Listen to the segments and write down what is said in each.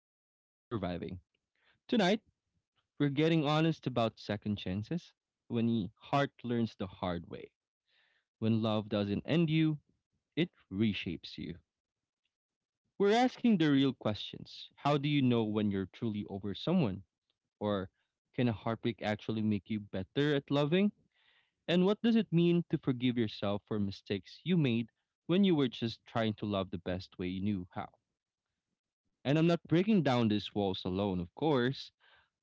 just surviving. Tonight, we're getting honest about second chances when the heart learns the hard way, when love doesn't end you, it reshapes you. We're asking the real questions. How do you know when you're truly over someone? Or can a heartbreak actually make you better at loving? And what does it mean to forgive yourself for mistakes you made when you were just trying to love the best way you knew how? And I'm not breaking down these walls alone, of course.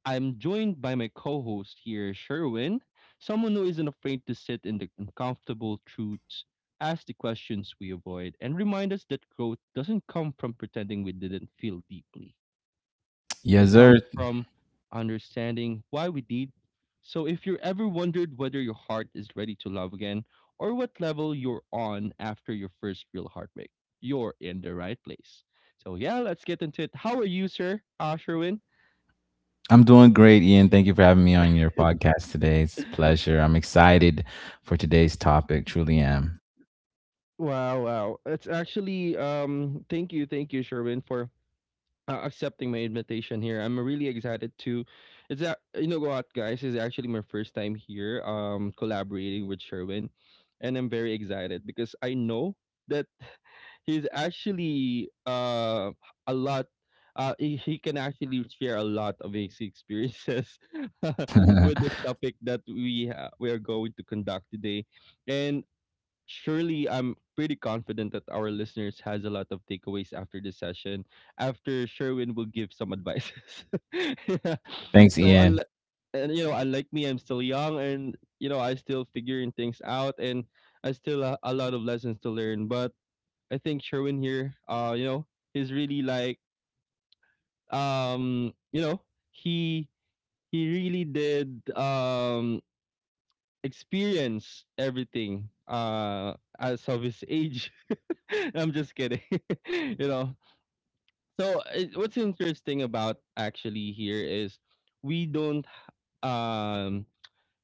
I'm joined by my co host here, Sherwin, someone who isn't afraid to sit in the uncomfortable truths, ask the questions we avoid, and remind us that growth doesn't come from pretending we didn't feel deeply. Yes, It sir. comes from understanding why we did. So if you're ever wondered whether your heart is ready to love again or what level you're on after your first real heartbreak, you're in the right place. So yeah, let's get into it. How are you, sir? Sherwin? I'm doing great, Ian. Thank you for having me on your podcast today. It's a pleasure. I'm excited for today's topic. Truly am. Wow, wow. It's actually thank you, Sherwin, for accepting my invitation here. I'm really excited to. You know what, guys? It's actually my first time here, collaborating with Sherwin, and I'm very excited because I know that he's actually a lot. He can actually share a lot of his experiences with this topic that we are going to conduct today, and surely I'm pretty confident that our listeners has a lot of takeaways after this session. After Sherwin will give some advices. yeah. Thanks, So Ian. unlike and unlike me, I'm still young, and I still figuring things out, and I still a lot of lessons to learn. But I think Sherwin here, is really like, um, you know, he really did experience everything as of his age I'm just kidding. you know. So what's interesting about actually here is we don't um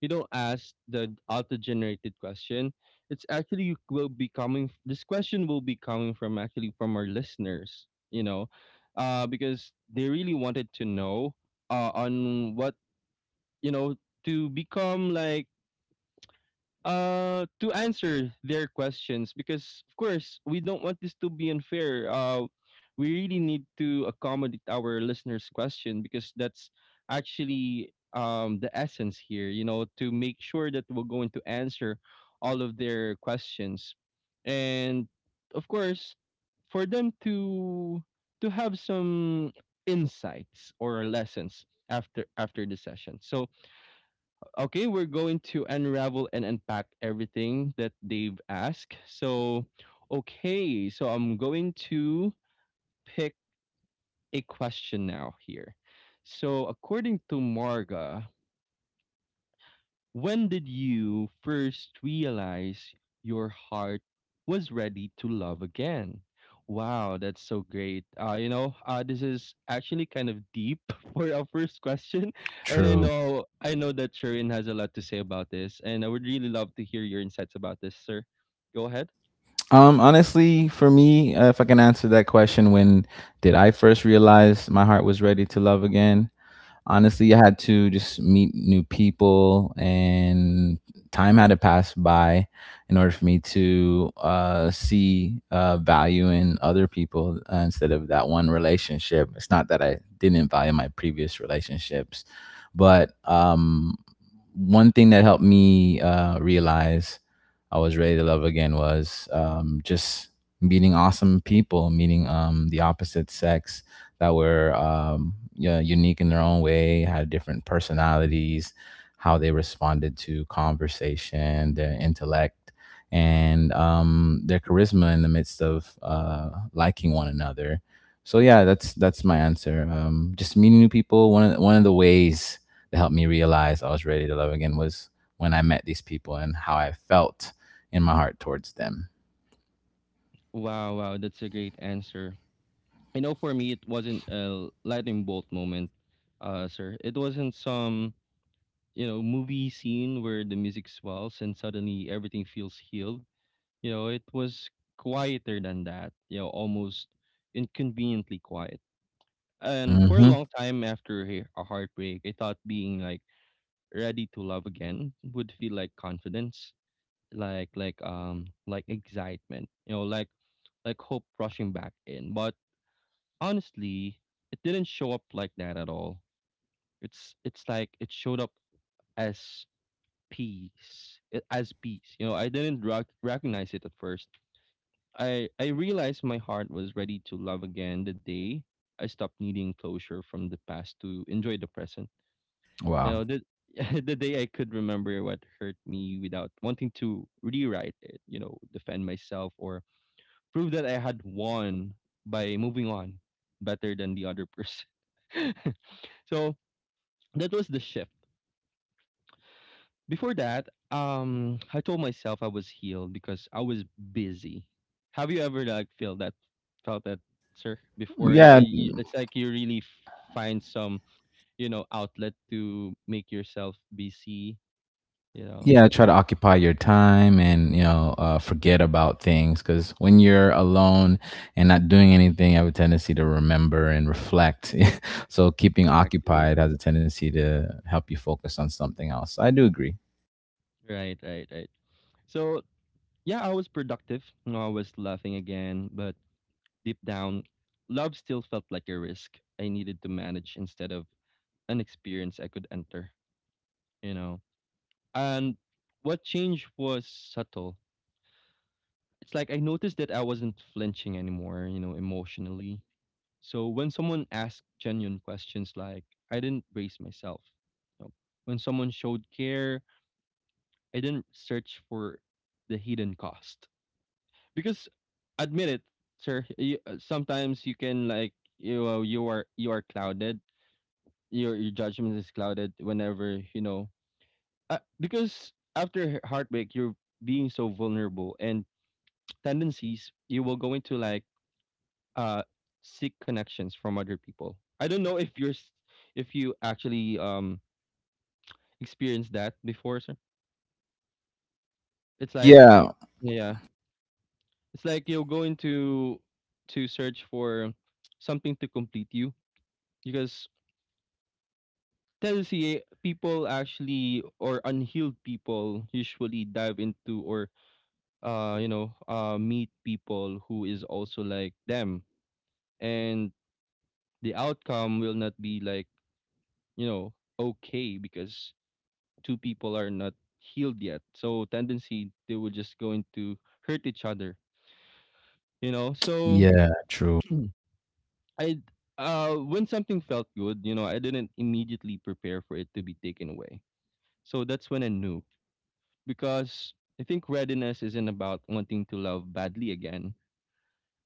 you don't ask the auto generated question. It's actually you will be coming this question will be coming from actually from our listeners, Because they really wanted to know on what, you know, to become like to answer their questions because of course we don't want this to be unfair. We really need to accommodate our listeners question because that's actually the essence here to make sure that we're going to answer all of their questions and of course for them to have some insights or lessons after the session so okay, we're going to unravel and unpack everything that they've asked. So, okay, so I'm going to pick a question now here. So, according to Marga, when did you first realize your heart was ready to love again? Wow, that's so great. This is actually kind of deep for our first question, and I True. know I know that Sharon has a lot to say about this, and I would really love to hear your insights about this, sir. Go ahead. Honestly, for me, if I can answer that question, when did I first realize my heart was ready to love again? Honestly, I had to just meet new people, and time had to pass by in order for me to see value in other people, instead of that one relationship. It's not that I didn't value my previous relationships, but one thing that helped me realize I was ready to love again was, just meeting awesome people, meeting, the opposite sex that were, yeah, unique in their own way, had different personalities, how they responded to conversation, their intellect, and their charisma in the midst of liking one another. So yeah, that's my answer. Just meeting new people. One of the ways that helped me realize I was ready to love again was when I met these people and how I felt in my heart towards them. Wow, wow, that's a great answer. You know, for me, it wasn't a lightning bolt moment, sir. It wasn't some movie scene where the music swells and suddenly everything feels healed. It was quieter than that. Almost inconveniently quiet. And for a hmm long time after a heartbreak, I thought being like ready to love again would feel like confidence, like excitement, like hope rushing back in. But honestly, it didn't show up like that at all. It's like it showed up as peace. As peace. You know, I didn't recognize it at first. I realized my heart was ready to love again the day I stopped needing closure from the past to enjoy the present. You Wow. know, the the day I could remember what hurt me without wanting to rewrite it. You know, defend myself or prove that I had won by moving on better than the other person. So that was the shift. Before that, I told myself I was healed because I was busy. Have you ever like felt that, sir? Before That, uh, Yeah, you- it's like you really find some, outlet to make yourself busy. You know, yeah, try to occupy your time, and you know, forget about things, because when you're alone and not doing anything, you have a tendency to remember and reflect. So keeping exactly. occupied has a tendency to help you focus on something else. I do agree. Right, right, right. So yeah, I was productive. I was laughing again, but deep down, love still felt like a risk I needed to manage instead of an experience I could enter. You know And what changed was subtle. It's like I noticed that I wasn't flinching anymore, emotionally. So when someone asked genuine questions like, I didn't brace myself. you know. When someone showed care, I didn't search for the hidden cost. Because admit it, sir, sometimes you can like you are clouded. Your judgment is clouded whenever, because after heartbreak you're being so vulnerable and tendencies, you will go into like uh seek connections from other people. I don't know if if you actually experienced that before, sir. It's like Yeah, yeah, it's like you'll go into to search for something to complete you because tendency people actually or unhealed people usually dive into or meet people who is also like them and the outcome will not be like you know, okay because two people are not healed yet. So tendency they will just going to hurt each other. So yeah, true. I when something felt good, I didn't immediately prepare for it to be taken away. So that's when I knew because I think readiness isn't about wanting to love badly again,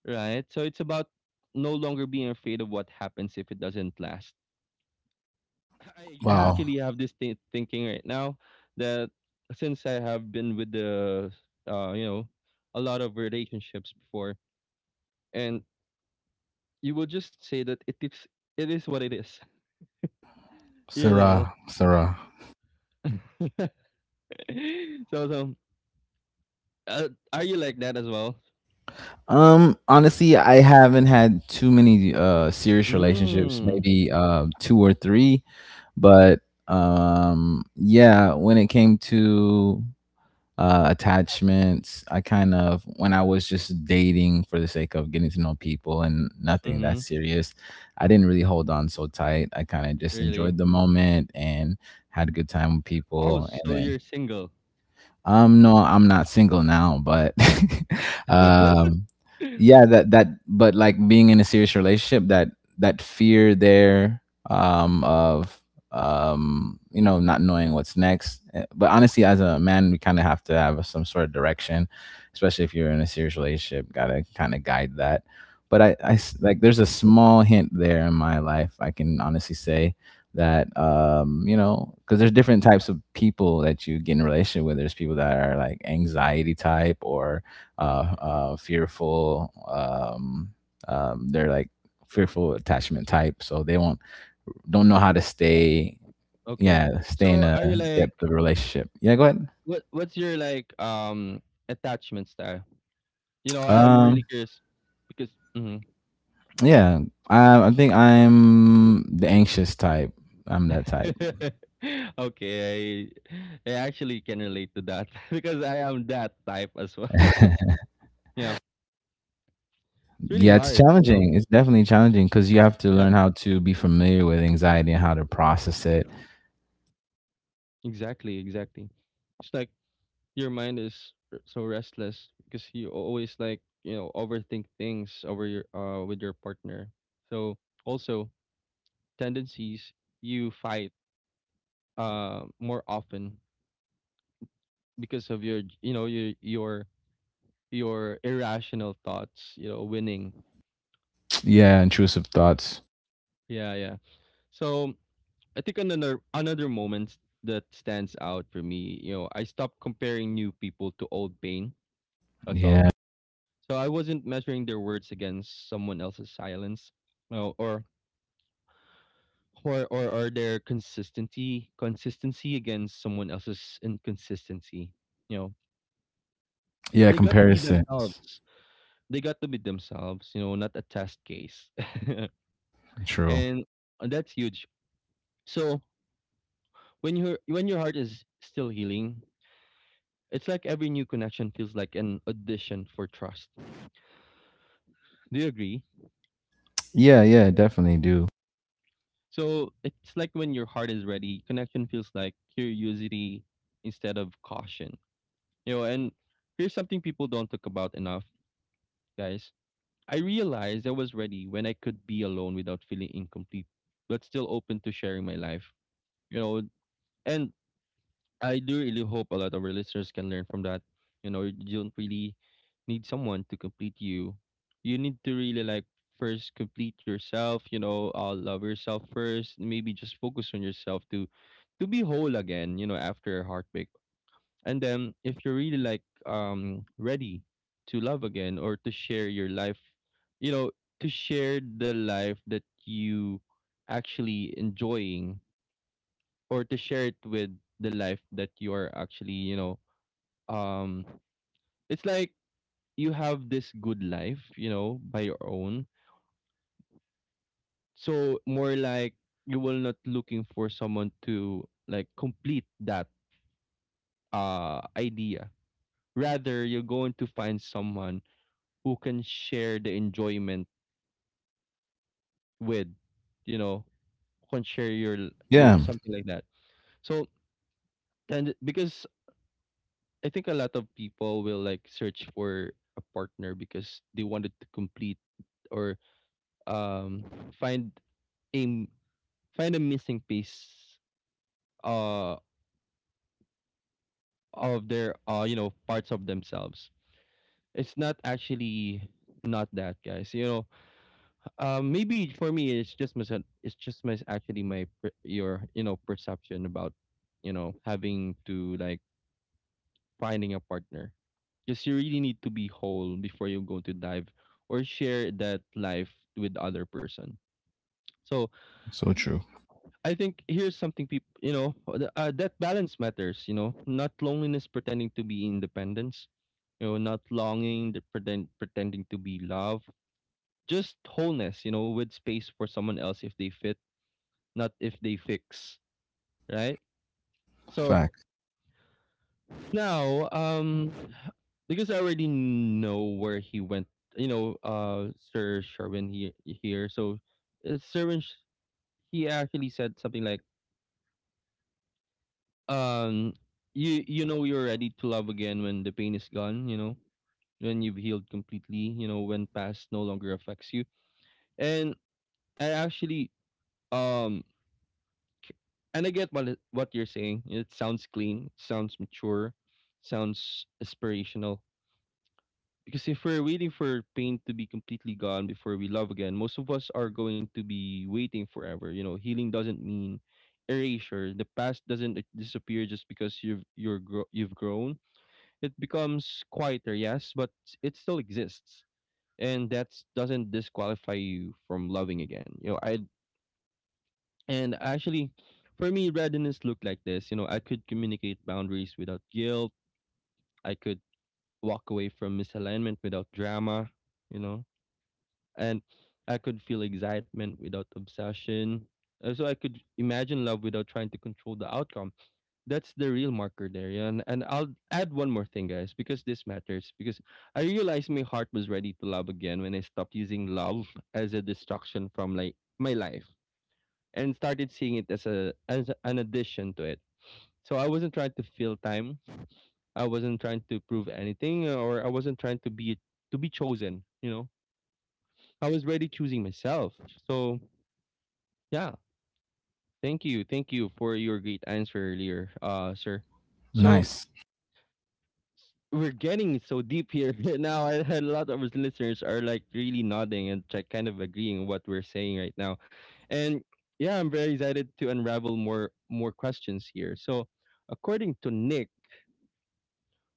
right? So it's about no longer being afraid of what happens if it doesn't last. I Wow. actually have this thinking right now that since I have been with the you know a lot of relationships before and you will just say that it is what it is you know Sarah, Sarah. so are you like that as well? Honestly, I haven't had too many serious relationships, Mm. maybe two or three, but yeah, when it came to attachments. I kind of, when I was just dating for the sake of getting to know people and nothing that Mhm. serious, I didn't really hold on so tight. I kind of just enjoyed Really? the moment and had a good time with Oh, people. And so then you're single? No, I'm not single now, but um, yeah, that that but like being in a serious relationship, that that fear there of you know, not knowing what's next. Eh, but honestly, as a man, we kind of have to have some sort of direction, especially if you're in a serious relationship. Gotta kind of guide that. But Right, like there's a small hint there in my life. I can honestly say that you know, because there's different types of people that you get in a relationship with, there's people that are like anxiety type or right, right. Fearful, they're like fearful attachment type, so they won't, don't know how to Oh, stay, okay. yeah, stay in So a are you like depth of relationship, yeah, go ahead. what's your attachment style? You know, I am really um curious because mhm. yeah, I think I'm the anxious type. I'm that type. okay, I actually can relate to that because I am that type as well. yeah, it's really Yeah, it's hard. challenging. It's definitely challenging because you have to Yeah, learn how to be familiar with anxiety and how to process it. exactly, exactly. It's like your mind is so restless because you always like overthink things over your with your partner. So also tendencies you fight more often because of your irrational thoughts, winning. Yeah, intrusive thoughts. Yeah, yeah. So I think another moment that stands out for me, I stopped comparing new people to old pain as well. Yeah. So I wasn't measuring their words against someone else's silence, you know, or or their consistency against someone else's inconsistency. You know, Yeah, they got to be comparisons. themselves. They got to be themselves. You know, not a test case, True. and that's huge. So when your heart is still healing, it's like every new connection feels like an audition for trust. Do you agree? Yeah, yeah, definitely do. So it's like when your heart is ready, connection feels like curiosity instead of caution. You know, and here's something people don't talk about enough, guys. I realized I was ready when I could be alone without feeling incomplete, but still open to sharing my life. You know, and I do really hope a lot of our listeners can learn from that. You know, you don't really need someone to complete you. You need to really like first complete yourself, love yourself first, maybe just focus on yourself to be whole again, after a heartbreak. And then if you're really like ready to love again or to share your life, you know, to share the life that you actually enjoying or to share it with the life that you are actually, um it's like you have this good life, by your own. So more like you will not looking for someone to like complete that idea. Rather, you're going to find someone who can share the enjoyment with, you know, who can share your Yeah, something like that. So and Because I think a lot of people will like search for a partner because they wanted to complete or um find a m- find a missing piece uh of their you know parts of themselves. It's not actually not that guys. You know, maybe for me it's just mis actually your you know perception about you know having to like finding a partner because you really need to be whole before you go to dive or share that life with the other person so so true. I think here's something people you know that balance matters, you know, not loneliness pretending to be independence, you know, not longing that pretending to be love, just wholeness, you know, with space for someone else if they fit, not if they fix, right? so Fact. Now, because I already know where he went, you know, Sir Sherwin he, here. So, Sherwin, he actually said something like, um, you know you're ready to love again when the pain is gone, you know, when you've healed completely, you know, when past no longer affects you. And I actually, um, c- and I get what you're saying. It sounds clean, sounds mature, sounds aspirational. Because if we're waiting for pain to be completely gone before we love again, most of us are going to be waiting forever. You know, healing doesn't mean erasure. The past doesn't disappear just because you've grown. It becomes quieter, yes, but it still exists, and that doesn't disqualify you from loving again. You know, I and actually, for me, readiness looked like this. You know, I could communicate boundaries without guilt. I could walk away from misalignment without drama. You know, and I could feel excitement without obsession. So I could imagine love without trying to control the outcome. That's the real marker there. Yeah? And I'll add one more thing, guys, because this matters. Because I realized my heart was ready to love again when I stopped using love as a distraction from like my life and started seeing it as a as an addition to it. So I wasn't trying to fill time. I wasn't trying to prove anything, or I wasn't trying to be chosen. You know, I was already choosing myself. So yeah, thank you for your great answer earlier, sir. So Nice. we're getting so deep here now. I had a lot of our listeners are like really nodding and like kind of agreeing what we're saying right now, and yeah, I'm very excited to unravel more questions here. So according to Nick,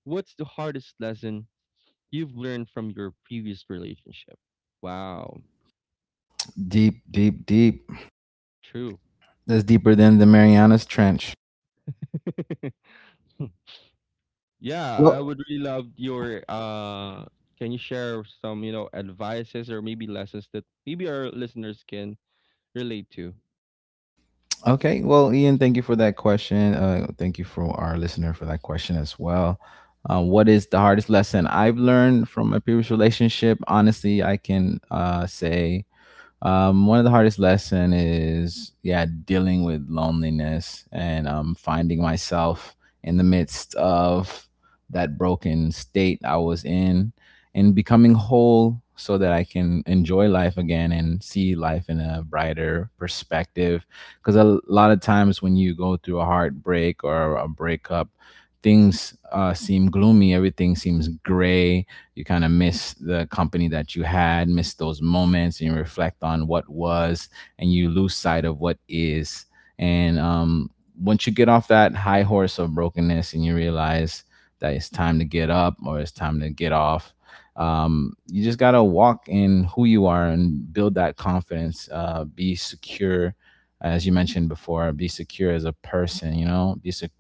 what's the hardest lesson you've learned from your previous relationship? Wow, Deep, deep, deep. true. That's deeper than the Marianas Trench. Yeah, I Well, would really love your can you share some, you know, advices or maybe lessons that maybe our listeners can relate to? okay, well, Ian, thank you for that question. Thank you for our listener for that question as well. What is the hardest lesson I've learned from my previous relationship? Honestly, I can say, one of the hardest lesson is yeah, dealing with loneliness and finding myself in the midst of that broken state I was in, and becoming whole so that I can enjoy life again and see life in a brighter perspective, because a lot of times when you go through a heartbreak or a breakup, things seem gloomy, everything seems gray, you kind of miss the company that you had, miss those moments, and you reflect on what was, and you lose sight of what is. And once you get off that high horse of brokenness and you realize that it's time to get up or it's time to get off, you just got to walk in who you are and build that confidence, be secure. As you mentioned before, be secure as a person, you know,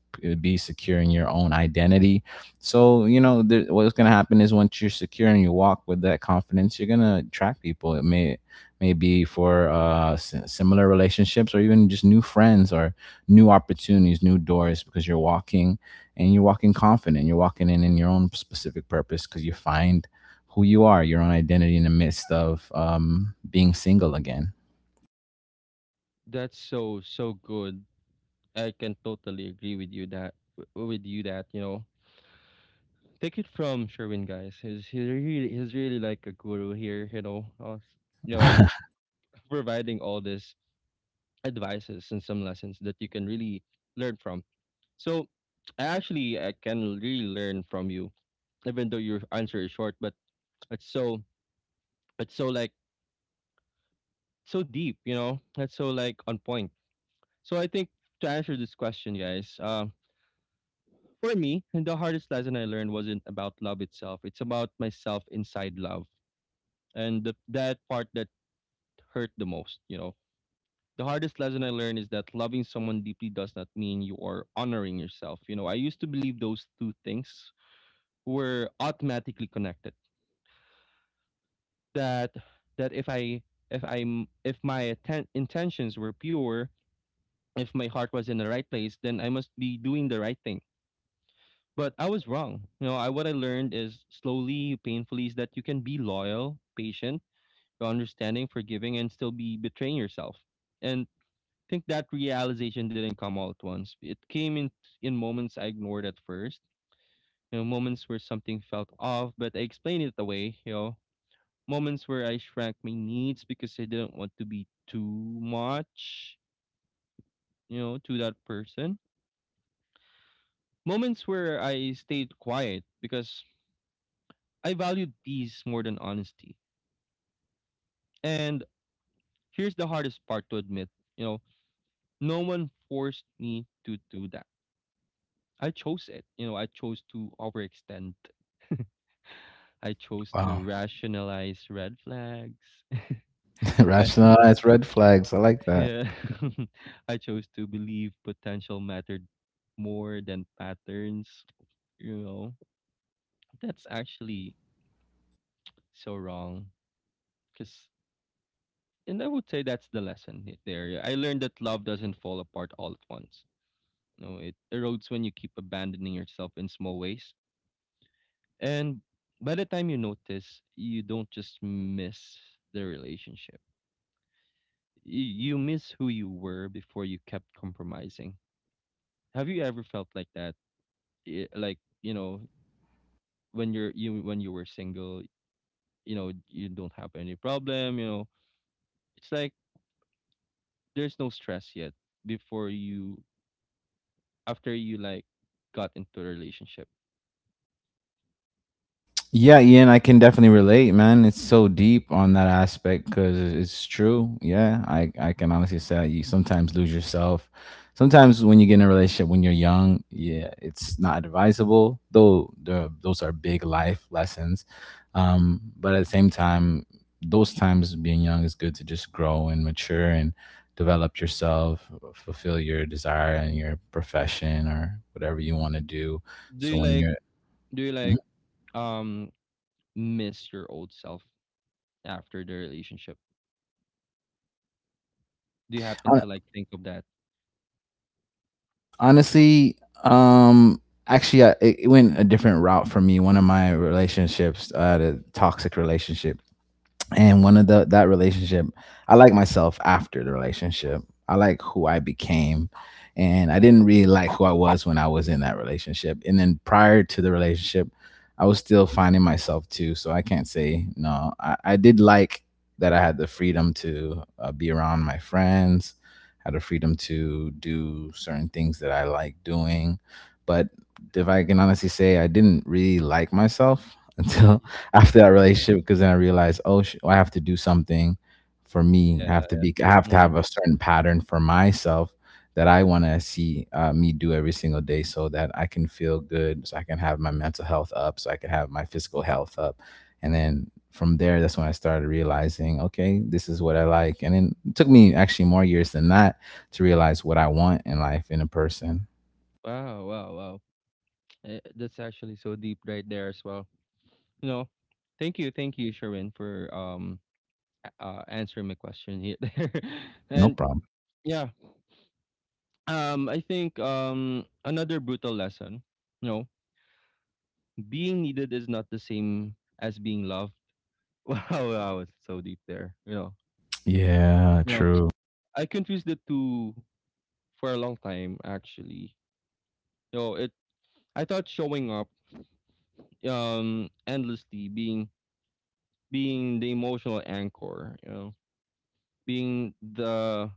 be secure in your own identity, so you know there, what's gonna happen is once you're secure and you walk with that confidence, you're gonna attract people. It may be for similar relationships, or even just new friends or new opportunities, new doors, because you're walking and you're walking confident. You're walking in your own specific purpose because you find who you are, your own identity in the midst of being single again. That's so good. I can totally agree with you with you that, you know. Take it from Sherwin guys. He's really like a guru here, you know. You know, providing all these advices and some lessons that you can really learn from. So, I can really learn from you even though your answer is short, but it's it's so like so deep, you know. It's so like on point. So I think to answer this question, guys, for me, the hardest lesson I learned wasn't about love itself. It's about myself inside love, and that part that hurt the most, you know. The hardest lesson I learned is that loving someone deeply does not mean you are honoring yourself. You know, I used to believe those two things were automatically connected. That that if I'm if my intentions were pure, if my heart was in the right place, then I must be doing the right thing. But I was wrong. You know, I what I learned is slowly, painfully, is that you can be loyal, patient, understanding, forgiving, and still be betraying yourself. And I think that realization didn't come all at once. It came in moments I ignored at first. You know, moments where something felt off, but I explained it away. You know, moments where I shrank my needs because I didn't want to be too much. You know, to that person. Moments where I stayed quiet because I valued peace more than honesty. And here's the hardest part to admit, you know, no one forced me to do that. I chose it. You know, I chose to overextend. I chose Wow. to rationalize red flags. I Rationalize red flags. I like that. yeah. I chose to believe potential mattered more than patterns. You know, that's actually so wrong. Because and I would say that's the there. I learned that love doesn't fall apart all at once. You know, it erodes when you keep abandoning yourself in small ways. And by the time you notice, you don't just miss the relationship. You miss who you were before you kept compromising. Have you ever felt like that? Like, you know, when you were single, you know, you don't have any problem, you know. It's like there's no stress yet before you after you like got into a relationship? Yeah, Ian, I can definitely relate, man. It's so deep on that aspect because it's true. Yeah, I can honestly say that you sometimes lose yourself. Sometimes when you get in a relationship when you're young, yeah, it's not advisable, though the, those are big life lessons. But at the same time, those times being young is good to just grow and mature and develop yourself, fulfill your desire and your profession or whatever you want to do. Do So you when like you're do you like um miss your old self after the relationship? Do you happen Mhm. to like think of that? Honestly, um, actually, it it went a different route for me. One of my relationships, I had a toxic relationship, and one of the that relationship, I like myself after the relationship. I like who I became, and I didn't really like who I was when I was in that relationship. And then prior to the relationship, I was still finding myself too, so I can't say no. I did like that I had the freedom to be around my friends, had the freedom to do certain things that I like doing. But if I can honestly say, I didn't really like myself until after that Yeah. relationship, because then I realized, oh, sh- I have to do something for me. I have yeah. to be, I have to Mm. have a certain pattern for myself that I want to see me do every single day, so that I can feel good, so I can have my mental health up, so I can have my physical health up. And then from there, that's when I started realizing, okay, this is what I like. And then it took me actually more years than that to realize what I want in life in a person. Wow, wow, wow. Eh, that's actually so deep right there as well. You know, thank you, Sherwin, for answering my question here. No And problem. yeah, I think another brutal lesson, you know, being needed is not the same as being loved. Wow, I was so deep there. Yeah, You know, true. I confused the two for a long time. Actually, you know, it. I thought showing up, endlessly being the emotional anchor. You know, being the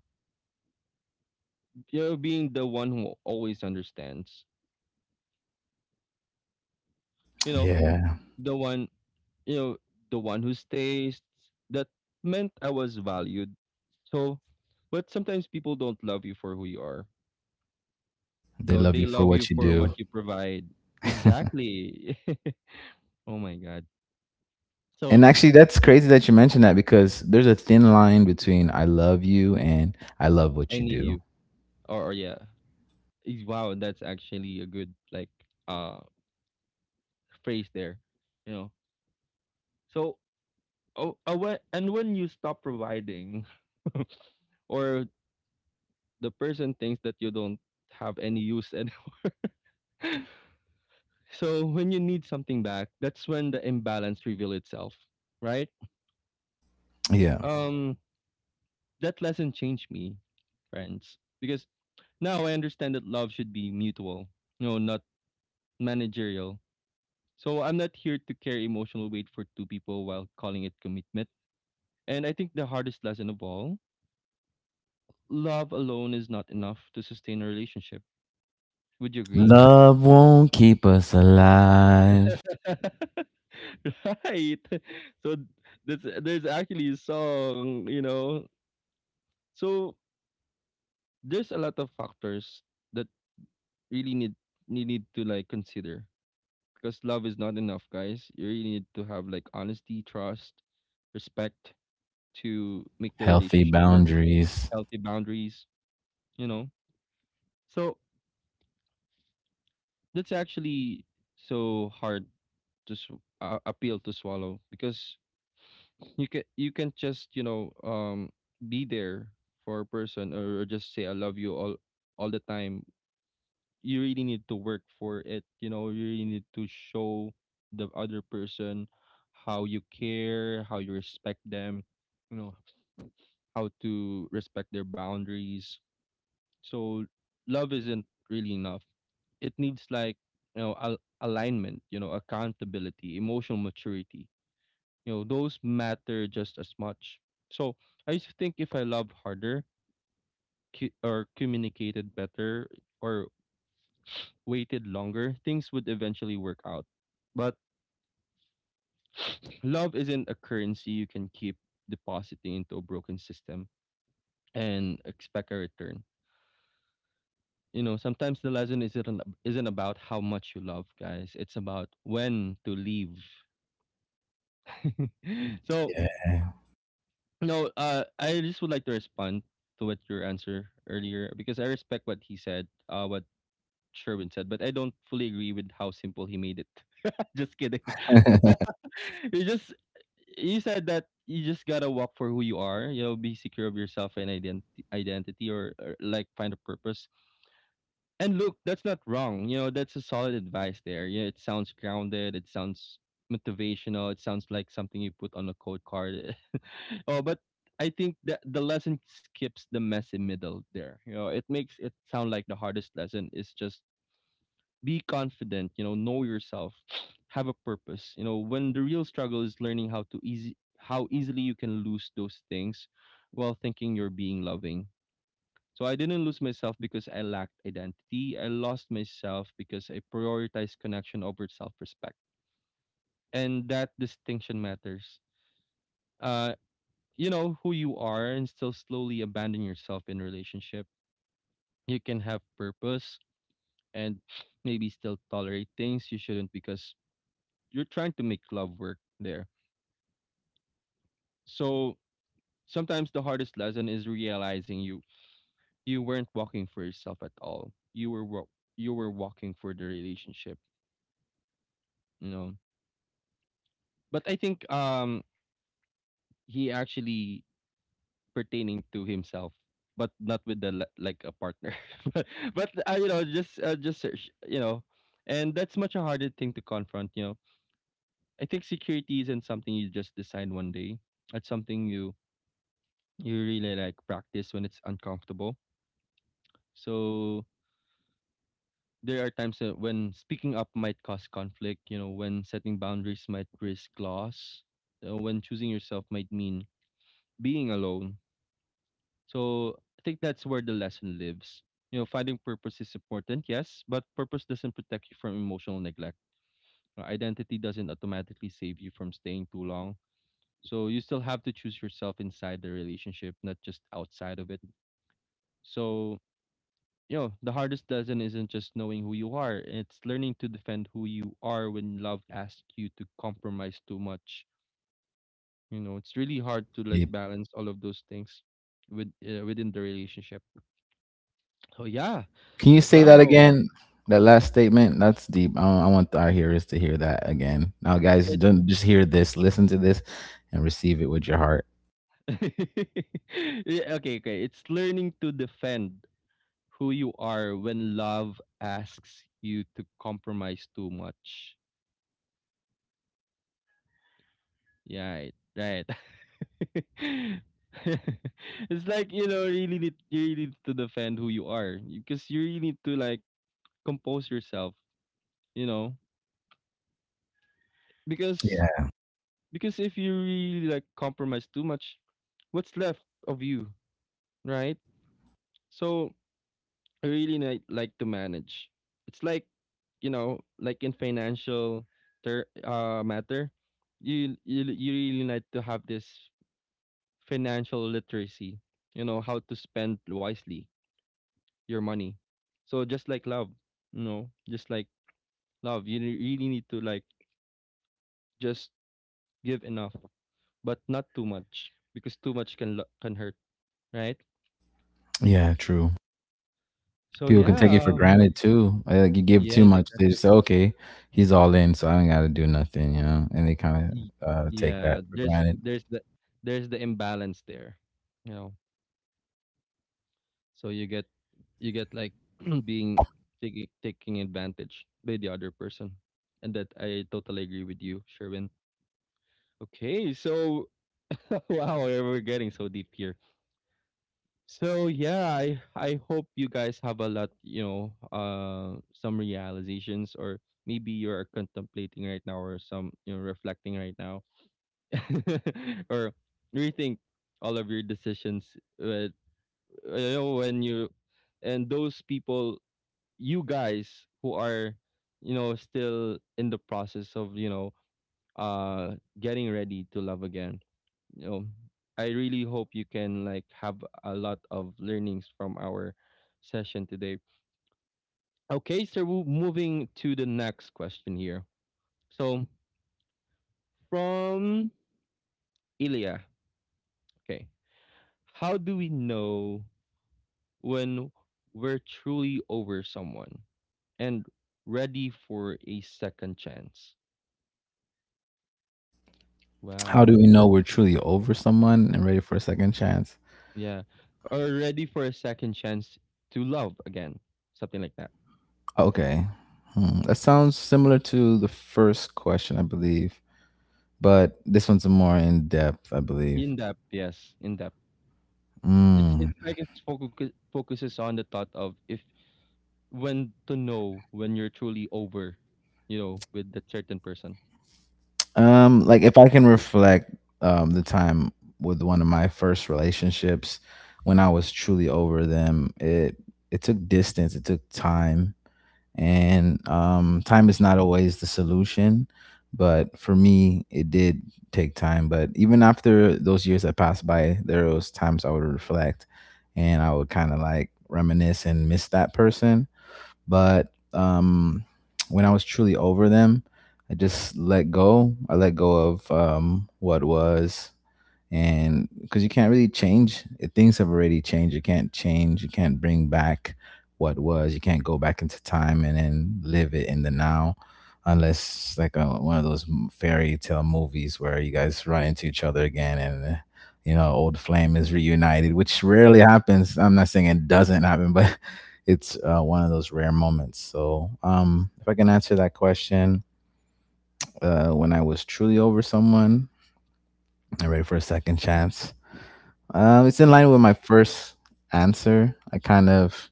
you know being the one who always understands. You know, Yeah. the one you know the one who stays. That meant I was valued. So, but sometimes people don't love you for who you are. You They know, love they you for love you what you for do. what you provide. Exactly. Oh my god. So And actually, that's crazy that you mentioned that because there's a thin line between I love you and I love I what you need do. you. Or yeah. Wow, that's actually a good like uh phrase there. You know. So oh, and when you stop providing or the person thinks that you don't have any use anymore. So when you need something back, that's when the imbalance reveal itself, right? Yeah. Um that lesson changed me, friends, because now I understand that love should be mutual, you know, not managerial. So I'm not here to carry emotional weight for two people while calling it commitment. And I think the hardest lesson of all, love alone is not enough to sustain a relationship. Would you agree? Love won't keep us alive. Right. So that's there's actually a song, you know. So there's a lot of factors that really need you need to like consider because love is not enough, guys. You really need to have like honesty, trust, respect to make the Healthy relationship work, boundaries. healthy boundaries, you know. So that's actually so hard to appeal to swallow because you can just you know be there for a person or just say I love you all the time. You really need to work for it. You know, you really need to show the other person how you care, how you respect them, you know, how to respect their boundaries. So love isn't really enough. It needs like, you know, alignment, you know, accountability, emotional maturity. You know, those matter just as much. So I used to think if I love harder or communicated better or waited longer, things would eventually work out. But love isn't a currency you can keep depositing into a broken system and expect a return. You know, sometimes the lesson isn't about how much you love, guys. It's about when to leave. So, Yeah. no, I just would like to respond to what your answer earlier because I respect what he said, what Sherwin said, but I don't fully agree with how simple he made it. Just kidding. You just you said that you just gotta walk for who you are. You know, be secure of yourself and identity, or like find a purpose. And look, that's not wrong. You know, that's a solid advice there. You know, it sounds grounded. It sounds motivational. It sounds like something you put on a code card. Oh, but I think that the lesson skips the messy middle there. You know, it makes it sound like the hardest lesson is just be confident, know yourself, have a purpose, when the real struggle is learning how to easy how easily you can lose those things while thinking you're being loving. So I didn't lose myself because I lacked identity, I lost myself because I prioritized connection over self-respect, and that distinction matters. uh you know who you are and still slowly abandon yourself in relationship. You can have purpose and maybe still tolerate things you shouldn't because you're trying to make love work there. So sometimes the hardest lesson is realizing you weren't walking for yourself at all. You were walking for the relationship, you know. But I think he actually, pertaining to himself, but not with like a partner. But you know, just search, you know. And that's much a harder thing to confront, you know. I think security isn't something you just decide one day. It's something you really like practice when it's uncomfortable. So there are times that when speaking up might cause conflict, you know, when setting boundaries might risk loss, when choosing yourself might mean being alone. So I think that's where the lesson lives. You know, finding purpose is important, yes, but purpose doesn't protect you from emotional neglect. Identity doesn't automatically save you from staying too long. So you still have to choose yourself inside the relationship, not just outside of it. So, you know, the hardest lesson isn't just knowing who you are, it's learning to defend who you are when love asks you to compromise too much. You know, it's really hard to like Deep. balance all of those things with, within the relationship. So yeah, Can you say that wow. again? That last statement? That's deep. I want our hearers to hear that again. Now, guys, It's don't just hear this, listen to this, and receive it with your heart. yeah, okay, okay. It's learning to defend who you are when love asks you to compromise too much. Yeah, right. Right. It's like, you know, really need you really need to defend who you are because you really need to like compose yourself, you know, because Yeah. If you really like compromise too much, what's left of you, right? So I really like to manage. It's like, you know, like in financial matter, you really need to have this financial literacy, you know, how to spend wisely your money. So just like love, you know, just like love, you really need to like just give enough, but not too much because too much can can hurt, right? Yeah, true. So People can take it for yeah, granted too. I- like you give too yes, much, they exactly. just say, "Okay, he's all in, so I don't got to do nothing," you know. And they kind Y- of take Yeah, that for there's granted. there's the the imbalance there, you know. So you get like being taking advantage by the other person, and that I totally agree with you, Sherwin. Okay, so wow, we're getting so deep here. So yeah, I hope you guys have a lot, you know, some realizations, or maybe you are contemplating right now, or some, you know, reflecting right now, or rethink all of your decisions. Uh, you know, when you and those people, you guys who are, you know, still in the process of, you know, getting ready to love again, you know, I really hope you can like have a lot of learnings from our session today. Okay, so we're moving to the next question here. So, from Ilya. Okay, how do we know when we're truly over someone and ready for a second chance? How Wow. do we know we're truly over someone and ready for a second chance? Yeah, or ready for a second chance to love again, something like that. Okay, hmm, that sounds similar to the first question, I believe, but this one's more in depth, I believe. In-depth, yes, in-depth. It's Mm. it's like it's focuses on the thought of if when to know when you're truly over, you know, with that certain person. Like, if I can reflect the time with one of my first relationships, when I was truly over them, it took distance, it took time. And time is not always the solution, but for me it did take time. But even after those years that passed by, there was times I would reflect and I would kinda like reminisce and miss that person. But when I was truly over them, I just let go. I let go of what was, and because you can't really change, things have already changed, you can't change, you can't bring back what was, you can't go back into time and then live it in the now, unless like one of those fairy tale movies where you guys run into each other again, and you know, old flame is reunited, which rarely happens. I'm not saying it doesn't happen, but it's, one of those rare moments. So if I can answer that question, when I was truly over someone and ready for a second chance, it's in line with my first answer. I kind of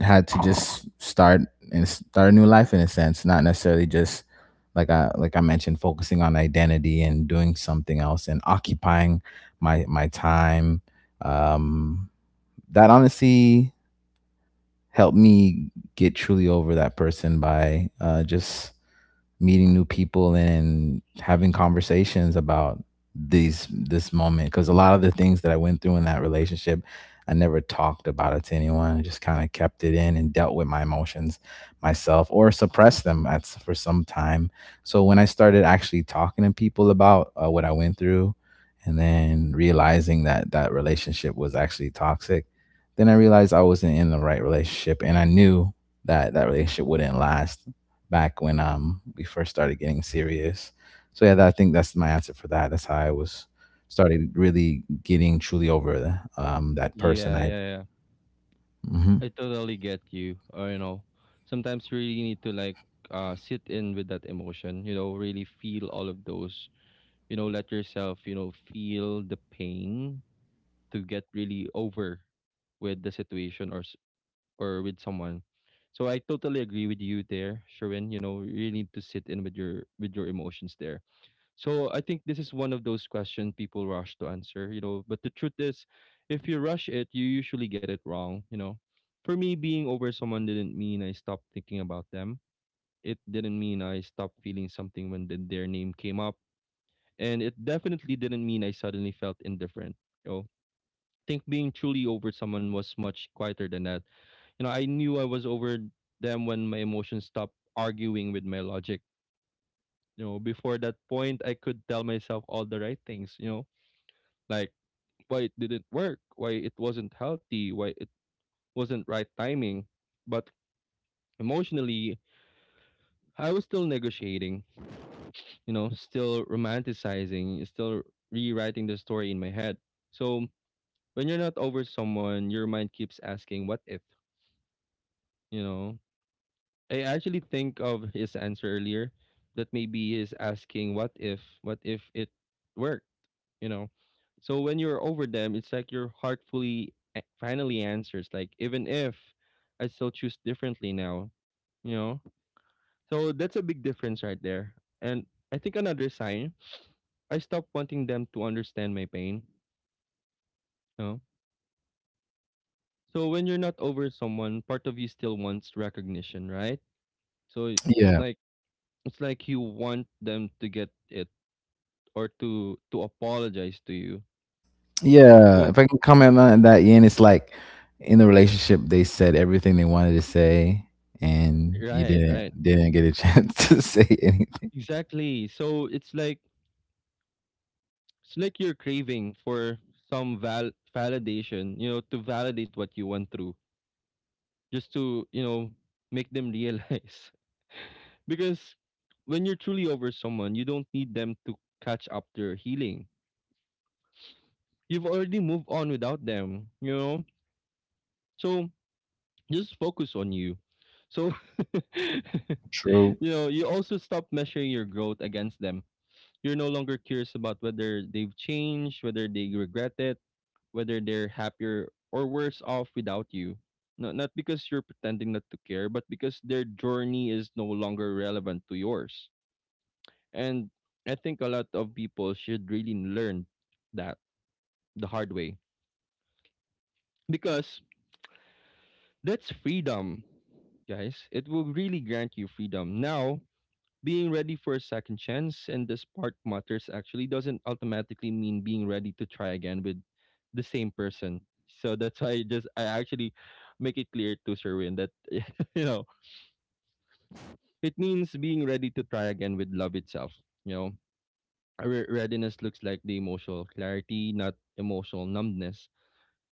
had to just start and start a new life in a sense, not necessarily just like I mentioned, focusing on identity and doing something else and occupying my time. Um, that honestly helped me get truly over that person by, just meeting new people and having conversations about these this moment, because a lot of the things that I went through in that relationship, I never talked about it to anyone. I just kind of kept it in and dealt with my emotions myself or suppressed them for some time. So when I started actually talking to people about what I went through and then realizing that that relationship was actually toxic, then I realized I wasn't in the right relationship, and I knew that that relationship wouldn't last back when we first started getting serious. So yeah, I think that's my answer for that. That's how I was started really getting truly over that person. Yeah, I yeah, yeah. hmm I totally get you. Or, you know, sometimes you really need to like sit in with that emotion, you know, really feel all of those, you know, let yourself, you know, feel the pain to get really over with the situation, or with someone. So I totally agree with you there, Sherwin. You know, you need to sit in with your emotions there. So I think this is one of those questions people rush to answer, you know. But the truth is, if you rush it, you usually get it wrong, you know. For me, being over someone didn't mean I stopped thinking about them. It didn't mean I stopped feeling something when their name came up. And it definitely didn't mean I suddenly felt indifferent. You know, think being truly over someone was much quieter than that. You know, I knew I was over them when my emotions stopped arguing with my logic. You know, before that point, I could tell myself all the right things, you know, like why it didn't work, why it wasn't healthy, why it wasn't right timing. But emotionally, I was still negotiating, you know, still romanticizing, still rewriting the story in my head. So when you're not over someone, your mind keeps asking, what if? You know, I actually think of his answer earlier that maybe he's asking what if, it worked, you know. So when you're over them, it's like your heart fully finally answers like even if I still choose differently now, you know. So that's a big difference right there. And I think another sign, I stopped wanting them to understand my pain, you know. So when you're not over someone, part of you still wants recognition, right? So it's Yeah, like it's like you want them to get it or to apologize to you. yeah. To If I can comment on that, Ian, it's like in the relationship they said everything they wanted to say, and you Right, didn't right. didn't get a chance to say anything. Exactly. So it's like you're craving for some validation, you know, to validate what you went through, just to, you know, make them realize. Because when you're truly over someone, you don't need them to catch up to your healing. You've already moved on without them, you know? So just focus on you. So True. you know, you also stop measuring your growth against them. You're no longer curious about whether they've changed, whether they regret it, whether they're happier or worse off without you. Not because you're pretending not to care, but because their journey is no longer relevant to yours. And I think a lot of people should really learn that the hard way because that's freedom, guys. It will really grant you freedom. Now, being ready for a second chance, and this part matters, actually doesn't automatically mean being ready to try again with the same person. So that's why I actually make it clear to Serwin that you know, it means being ready to try again with love itself, you know. A readiness looks like the emotional clarity, not emotional numbness.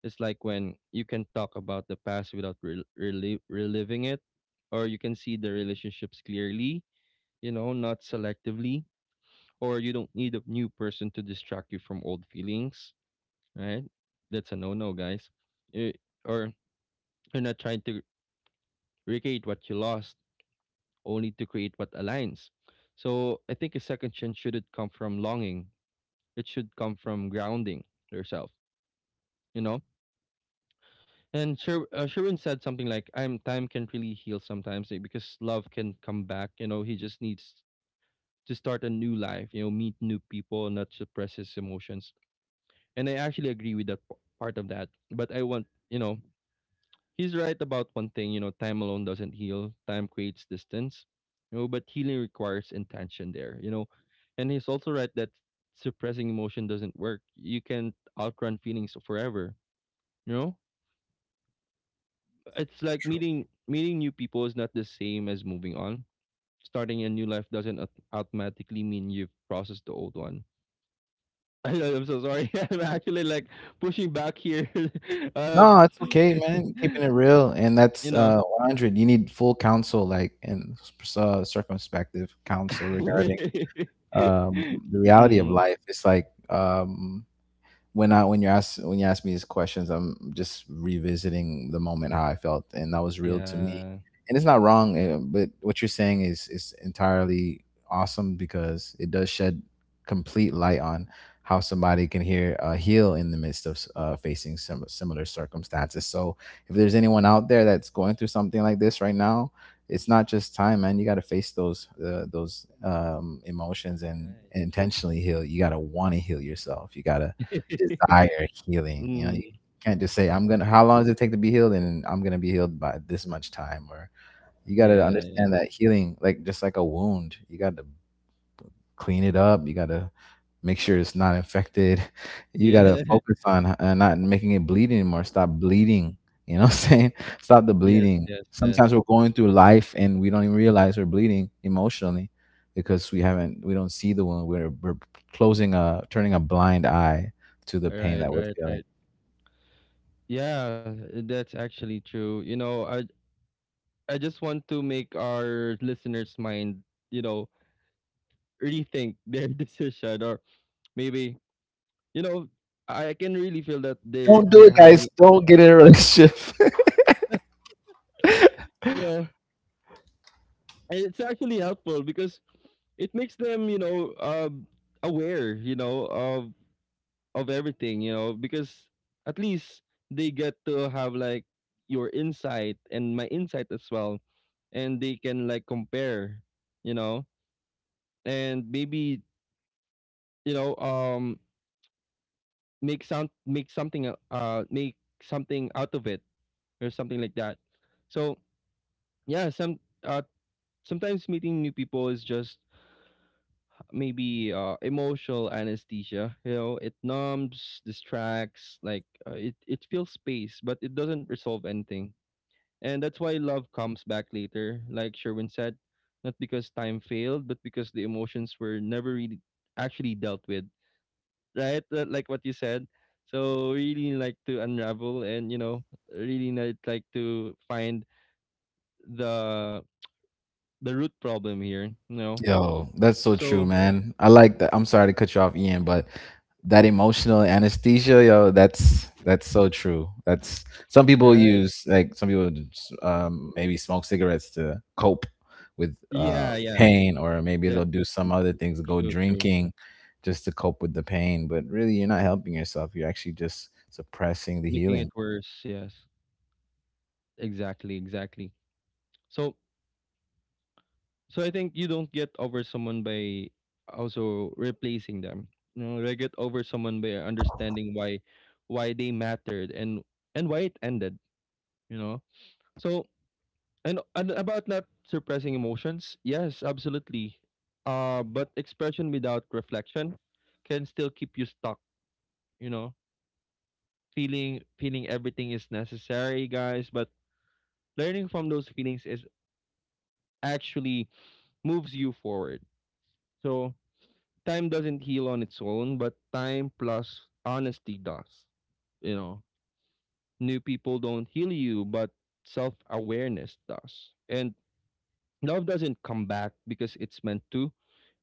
It's like when you can talk about the past without reliving it, or you can see the relationships clearly, you know, not selectively, or you don't need a new person to distract you from old feelings, right? That's a no-no, guys. You- or you're not trying to recreate what you lost, only to create what aligns. So I think a second chance shouldn't come from longing. It should come from grounding yourself, you know? And Sherwin said something like, "I'm time can really heal sometimes, eh, because love can come back. You know, he just needs to start a new life. You know, meet new people, not suppress his emotions." And I actually agree with that part of that. But I want, you know, he's right about one thing. You know, time alone doesn't heal. Time creates distance. You know, but healing requires intention there. You know, and he's also right that suppressing emotion doesn't work. You can't outrun feelings forever. You know, it's like meeting new people is not the same as moving on. Starting a new life doesn't automatically mean you've processed the old one. I know, I'm so sorry. I'm actually like pushing back here. um, No, it's okay, man. Keeping it real, and you that's know, 100. You need full counsel, like, and circumspective counsel regarding the reality of Mm, life. It's like when I when you ask me these questions, I'm just revisiting the moment how I felt, and that was real to me. yeah. And it's not wrong, eh, but what you're saying is entirely awesome because it does shed complete light on how somebody can hear heal in the midst of facing similar circumstances. So if there's anyone out there that's going through something like this right now, it's not just time, man. You got to face those emotions, and, Right, and right. intentionally heal. You got to want to heal yourself. You got to desire healing. You know, Mm, you can't just say, I'm gonna how long does it take to be healed, and I'm gonna be healed by this much time, or you gotta yeah, yeah. understand that healing, like just like a wound, you gotta clean it up. You gotta make sure it's not infected. You gotta Yeah. focus on not making it bleed anymore. Stop bleeding. You know what I'm saying? Stop the Yes, bleeding. yes, Sometimes we're yes. going through life and we don't even realize we're bleeding emotionally because we don't see the wound. We're closing turning a blind eye to the pain Right, that we're right, feeling. right. Yeah, that's actually true. You know, I just want to make our listeners' mind, you know, rethink their decision, or maybe, you know, I can really feel that they're Don't do it, they're guys. having. Don't get in a relationship. Yeah, and it's actually helpful because it makes them, you know, aware, you know, of everything, you know, because at least they get to have like your insight and my insight as well, and they can like compare, you know, and maybe, you know, make sound, make something out of it or something like that. So yeah, some uh sometimes meeting new people is just maybe emotional anesthesia. You know, it numbs, distracts, like it fills space, but it doesn't resolve anything. And that's why love comes back later, like Sherwin said, not because time failed, but because the emotions were never really actually dealt with, right? Like what you said. So really like to unravel, and you know, really like to find the root problem here. You know, Yo, that's so true, so man. I like that. I'm sorry to cut you off, Ian, but that emotional anesthesia, yo, that's so true. That's some people right, use like some people just, maybe smoke cigarettes to cope with yeah, yeah, pain, or maybe that's they'll do some other things, go true, true. drinking just to cope with the pain. But really, you're not helping yourself. You're actually just suppressing the Making it healing. worse, yes, exactly, exactly. So so i think you don't get over someone by also replacing them. You know, you get over someone by understanding why they mattered, and why it ended, you know. So, and about not suppressing emotions, yes, absolutely. But expression without reflection can still keep you stuck, you know. Feeling everything is necessary, guys, but learning from those feelings is actually moves you forward. So time doesn't heal on its own, but time plus honesty does. You know, new people don't heal you, but self awareness does. And love doesn't come back because it's meant to.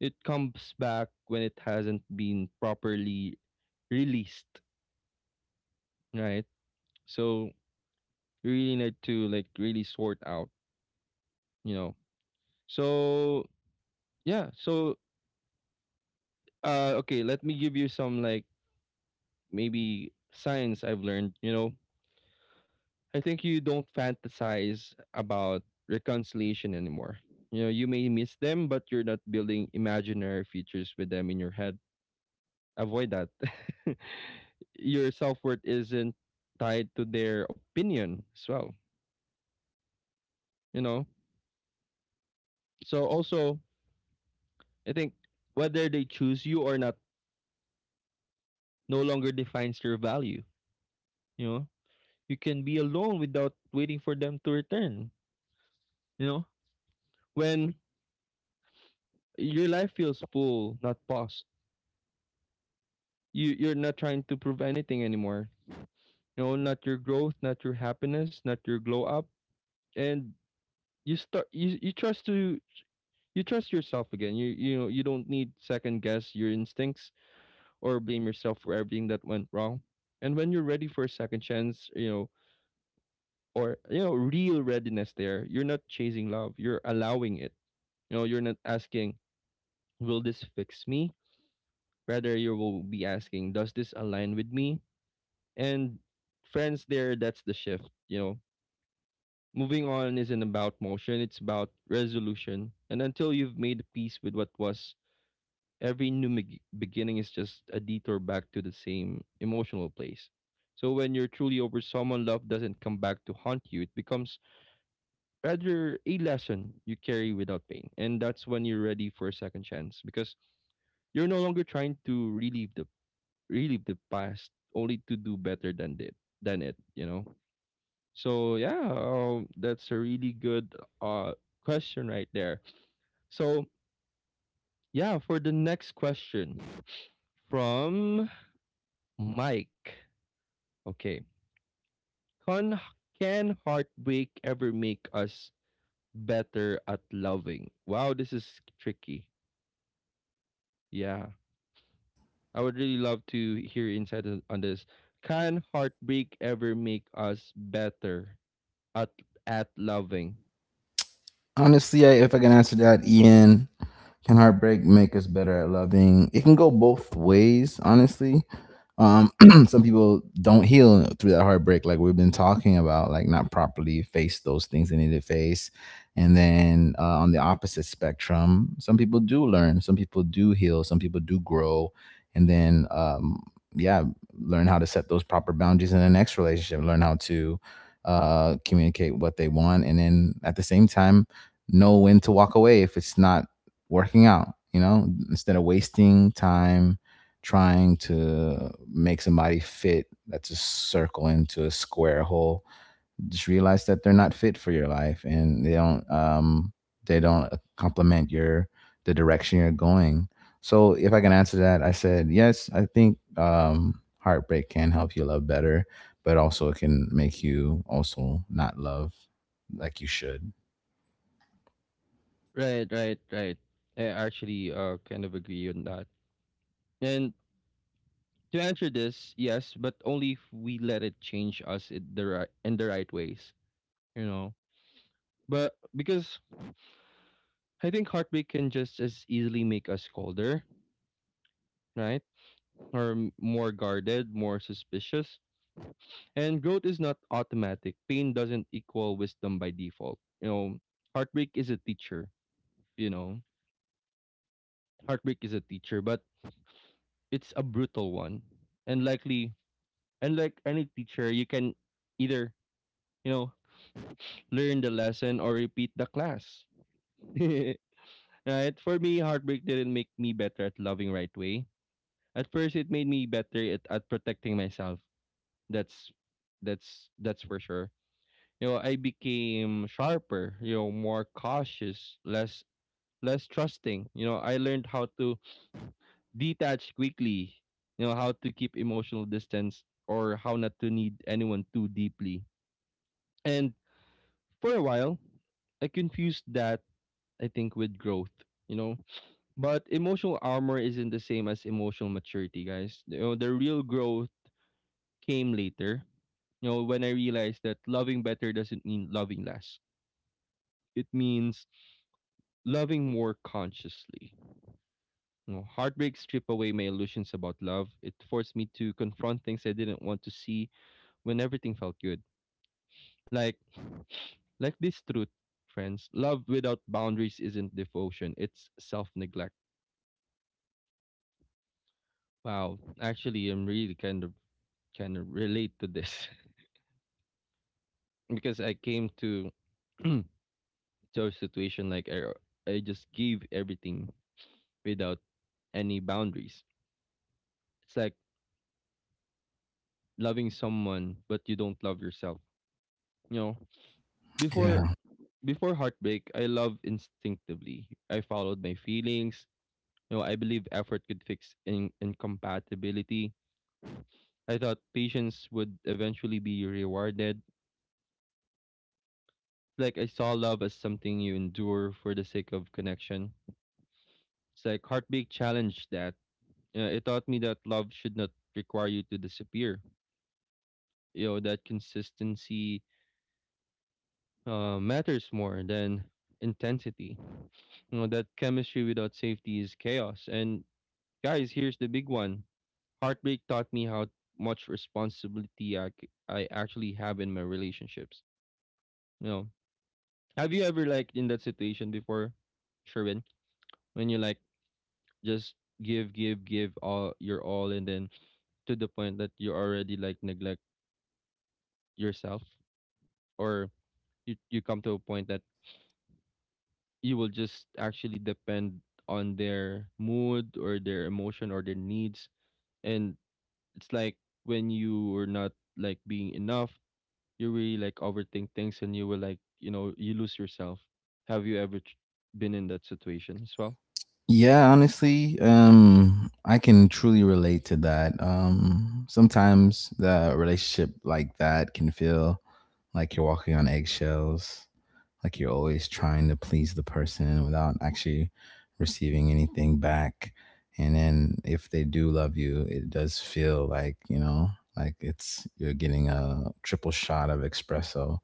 It comes back when it hasn't been properly released, right? So you really need to like really sort out, you know. So yeah, so okay, let me give you some like maybe science I've learned, you know, I think you don't fantasize about reconciliation anymore. You know, you may miss them, but you're not building imaginary futures with them in your head. Avoid that. Your self worth isn't tied to their opinion as well, you know? So, also, I think whether they choose you or not no longer defines your value, you know? You can be alone without waiting for them to return, you know? When your life feels full, not paused. You're not trying to prove anything anymore. You know, not your growth, not your happiness, not your glow up, and you start you you trust to you trust yourself again. You know you don't need second guess your instincts or blame yourself for everything that went wrong. And when you're ready for a second chance, you know, or you know, real readiness there, you're not chasing love. You're allowing it. You know, you're not asking, will this fix me? Rather you will be asking, does this align with me? And friends, there, that's the shift, you know. Moving on isn't about motion, it's about resolution, and until you've made peace with what was, every new beginning is just a detour back to the same emotional place. So when you're truly over someone, love doesn't come back to haunt you, it becomes rather a lesson you carry without pain. And that's when you're ready for a second chance, because you're no longer trying to relive the past only to do better than did than it, you know. So yeah, that's a really good uh question right there. So yeah, for the next question from Mike. Okay, can can heartbreak ever make us better at loving? Wow, this is tricky. Yeah, I would really love to hear insight on this. Can heartbreak ever make us better at at loving? Honestly, if I can answer that, Ian, can heartbreak make us better at loving? It can go both ways, honestly. Um, some people don't heal through that heartbreak, like we've been talking about, like not properly face those things they need to face. And then on the opposite spectrum, some people do learn, some people do heal, some people do grow, and then yeah, learn how to set those proper boundaries in the next relationship. Learn how to communicate what they want, and then at the same time know when to walk away if it's not working out, you know, instead of wasting time trying to make somebody fit that's a circle into a square hole. Just realize that they're not fit for your life and they don't complement your the direction you're going. So if I can answer that, I said yes, I think heartbreak can help you love better, but also it can make you also not love like you should. Right, right, right. I actually kind of agree on that. And to answer this, yes, but only if we let it change us in the right ways, you know. But because I think heartbreak can just as easily make us colder, right? Or more guarded, more suspicious. And growth is not automatic. Pain doesn't equal wisdom by default. You know, heartbreak is a teacher, you know. Heartbreak is a teacher, but it's a brutal one. And likely and like any teacher, you can either you know learn the lesson or repeat the class. Right? For me, heartbreak didn't make me better at loving right way. At first, it made me better at protecting myself. That's that's for sure. You know, I became sharper. You know, more cautious, less trusting. You know, I learned how to detach quickly. You know, how to keep emotional distance or how not to need anyone too deeply. And for a while, I confused that I think with growth. You know, but emotional armor isn't the same as emotional maturity, guys. You know, the real growth came later. You know, when I realized that loving better doesn't mean loving less. It means loving more consciously. You know, heartbreak stripped away my illusions about love. It forced me to confront things I didn't want to see when everything felt good. Like like this truth, friends. Love without boundaries isn't devotion, it's self neglect. Wow. Actually I'm really kind of relate to this. Because I came to to a situation like I just give everything without any boundaries. It's like loving someone but you don't love yourself. You know, before Yeah. Heartbreak, I love instinctively. I followed my feelings. You know, I believe effort could fix incompatibility. I thought patience would eventually be rewarded. Like I saw love as something you endure for the sake of connection. It's like heartbreak challenged that. Yeah, it taught me that love should not require you to disappear. You know, that consistency matters more than intensity. You know, that chemistry without safety is chaos. And guys, here's the big one. Heartbreak taught me how much responsibility I actually have in my relationships. You know, have you ever like in that situation before, Sherwin, when you like just give, give, give all your all, and then to the point that you already like neglect yourself? Or you come to a point that you will just actually depend on their mood or their emotion or their needs, and it's like when you are not like being enough, you really like overthink things and you will like you know you lose yourself. Have you ever been in that situation as well? Yeah, honestly, I can truly relate to that. Sometimes the relationship like that can feel like you're walking on eggshells, like you're always trying to please the person without actually receiving anything back. And then if they do love you, it does feel like, you know, like it's you're getting a triple shot of espresso,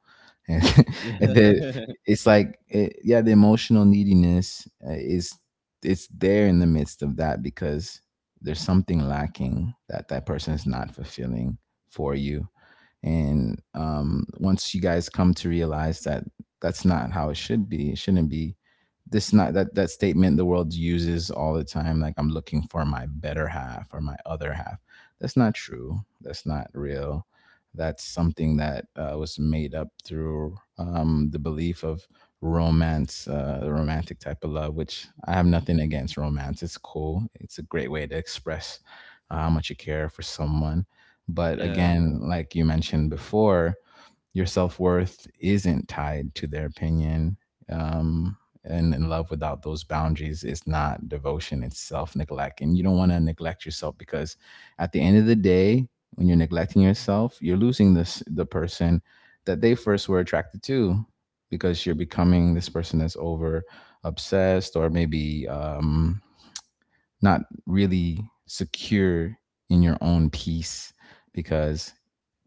and Yeah. and then it's yeah, the emotional neediness is it's there in the midst of that because there's something lacking that that person is not fulfilling for you. And once you guys come to realize that that's not how it should be, it shouldn't be. This not that that statement the world uses all the time, like I'm looking for my better half or my other half. That's not true. That's not real. That's something that was made up through the belief of romance, the romantic type of love. Which I have nothing against romance. It's cool. It's a great way to express how much you care for someone. But Yeah, again, like you mentioned before, your self worth isn't tied to their opinion. Um, and in love without those boundaries is not devotion, it's self neglect. And you don't want to neglect yourself because at the end of the day, when you're neglecting yourself, you're losing this the person that they first were attracted to, because you're becoming this person that's over obsessed, or maybe not really secure in your own peace, because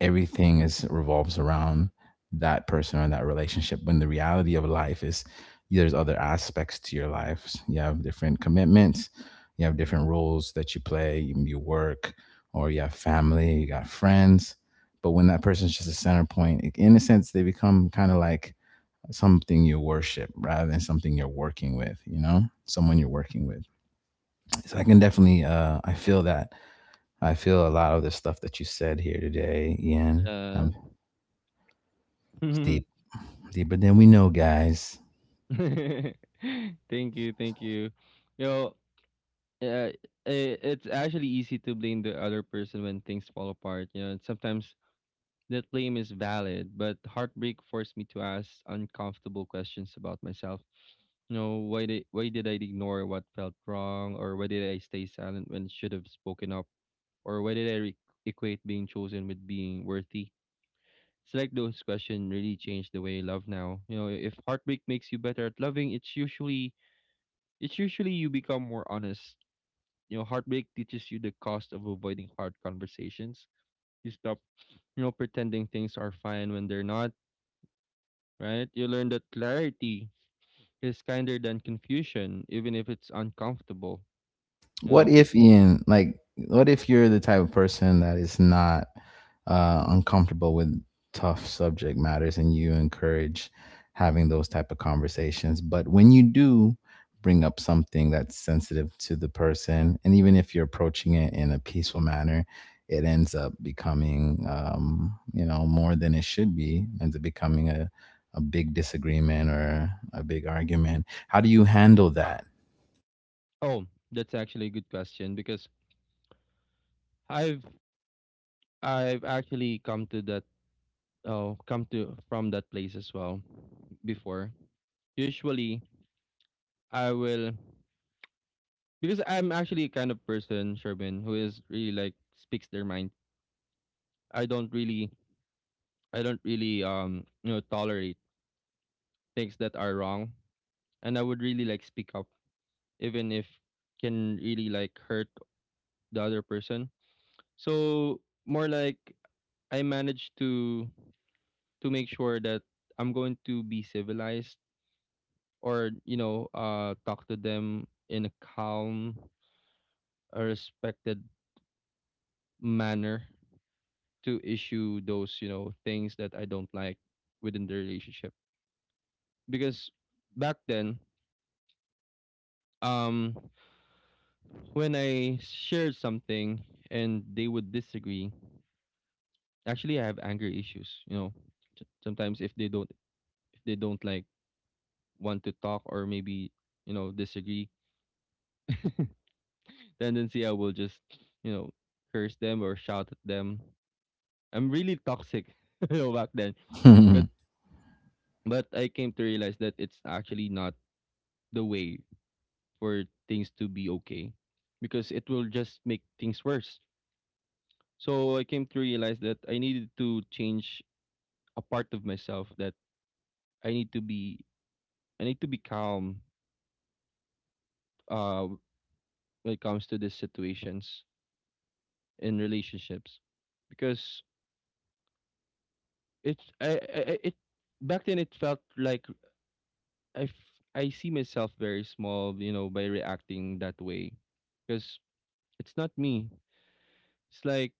everything is revolves around that person or that relationship. When the reality of life is there's other aspects to your life, you have different commitments, you have different roles that you play, you work, or you have family, you got friends. But when that person's just a center point, in a sense they become kind of like something you worship rather than something you're working with, you know, someone you're working with. So I can definitely, I feel that. I feel a lot of the stuff that you said here today, Ian. yeah. It's deep, deep. But then we know, guys. Thank you, thank you, you know. uh, it's actually easy to blame the other person when things fall apart, you know, and sometimes that blame is valid, but heartbreak forced me to ask uncomfortable questions about myself. You know, why did I ignore what felt wrong, or why did I stay silent when I should have spoken up, or why did I equate being chosen with being worthy? It's like those questions really changed the way I love now. You know, if heartbreak makes you better at loving, it's usually you become more honest. You know, heartbreak teaches you the cost of avoiding hard conversations. You stop, you know, pretending things are fine when they're not, right? You learn that clarity is kinder than confusion, even if it's uncomfortable, you What know? if, Ian, like, what if you're the type of person that is not uncomfortable with tough subject matters, and you encourage having those type of conversations, but when you do bring up something that's sensitive to the person, and even if you're approaching it in a peaceful manner, it ends up becoming, you know, more than it should be, ends up becoming a big disagreement or a big argument. How do you handle that? Oh, that's actually a good question because I've I've actually come to that oh come to from that place as well before. Usually I will because I'm actually a kind of person, Sherman, who is really like speaks their mind. I don't really I don't really you know tolerate things that are wrong, and I would really like speak up even if can really like hurt the other person. So more like I managed to make sure that I'm going to be civilized, or you know talk to them in a calm, a respected manner to issue those you know things that I don't like within the relationship. Because back then um when I shared something and they would disagree, actually, I have anger issues. You know, sometimes if they don't like want to talk or maybe you know disagree, tendency I will just you know curse them or shout at them. I'm really toxic, you know, back then. but but I came to realize that it's actually not the way for things to be okay because it will just make things worse. So I came to realize that I needed to change a part of myself, that I need to be I need to be calm uh when it comes to these situations in relationships. Because it's I- it back then it felt like I see myself very small, you know, by reacting that way, because it's not me. It's like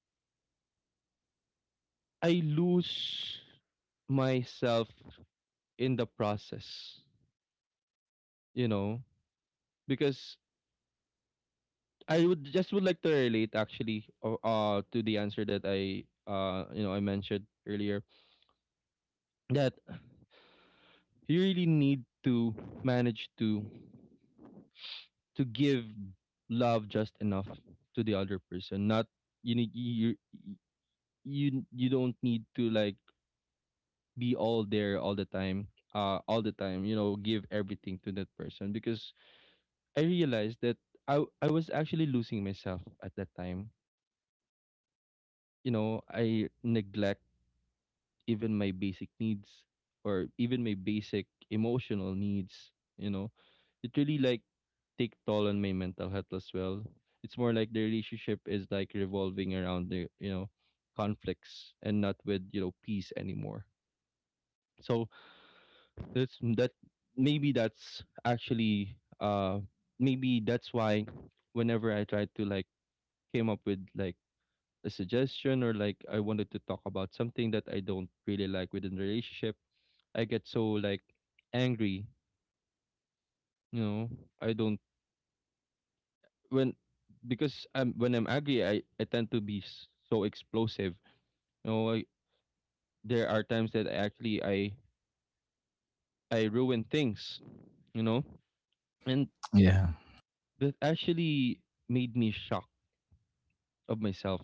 I lose myself in the process, you know. Because I would just would like to relate actually to the answer that I you know I mentioned earlier that you really need to manage to give love just enough to the other person, not you need you you don't need to like be all there all the time all the time you know give everything to that person. Because I realized that I was actually losing myself at that time. You know, I neglect even my basic needs, or even my basic emotional needs, you know. It really like take toll on my mental health as well. It's more like the relationship is like revolving around the you know conflicts and not with you know peace anymore. So that's mm, that maybe that's actually maybe that's why whenever I tried to like came up with like a suggestion or like I wanted to talk about something that I don't really like within the relationship, I get so like angry. You know, I don't when because I'm when I'm angry, I tend to be so explosive. You know, I, there are times that I I ruin things. You know, and yeah. that actually made me shocked of myself.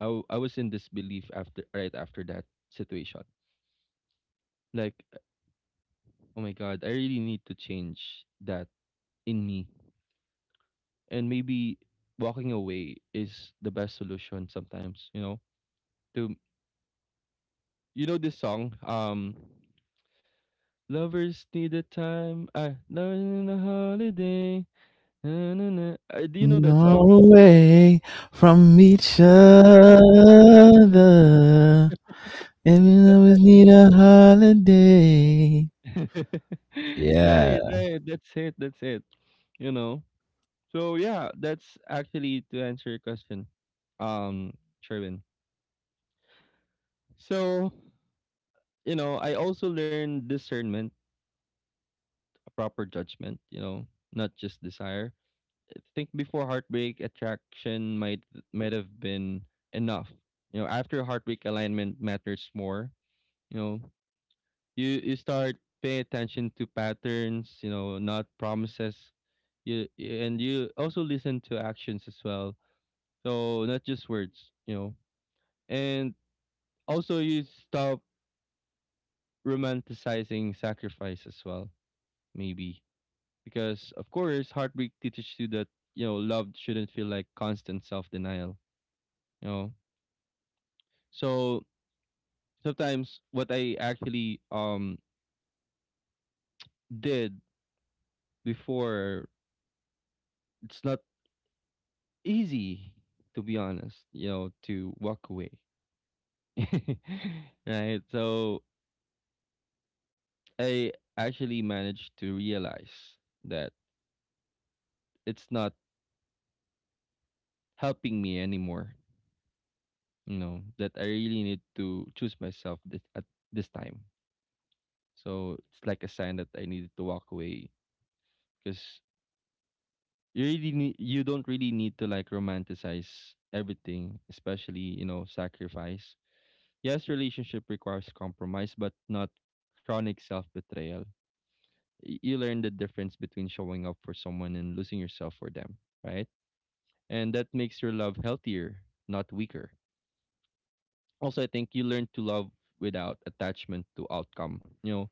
I was in disbelief after right after that situation. Like, oh my god, I really need to change that in me, and maybe walking away is the best solution sometimes. To you know, this song lovers need a time. I love in a holiday. Na, na, na. Do you know that song? Nor away from each other. And we always need a holiday. Yeah, Right, right. That's it. That's it. You know. So yeah, that's actually to answer your question, um, Sherwin. So you know, I also learned discernment, a proper judgment. You know, not just desire. Think before heartbreak attraction might have been enough. You know, after heartbreak alignment matters more. You know, you start paying attention to patterns. You know, not promises. You and you also listen to actions as well. So not just words. You know, and also you stop romanticizing sacrifice as well. Maybe because of course heartbreak teaches you that you know love shouldn't feel like constant self denial. You know, so sometimes what I actually did before, it's not easy to be honest, you know, to walk away. Right? So I actually managed to realize that it's not helping me anymore, you know, that I really need to choose myself this at this time. So it's like a sign that I needed to walk away because you don't really need to like romanticize everything, especially you know sacrifice. Yes, relationship requires compromise but not chronic self-betrayal. You learn the difference between showing up for someone and losing yourself for them, right? And that makes your love healthier, not weaker. Also I think you learn to love without attachment to outcome. You know,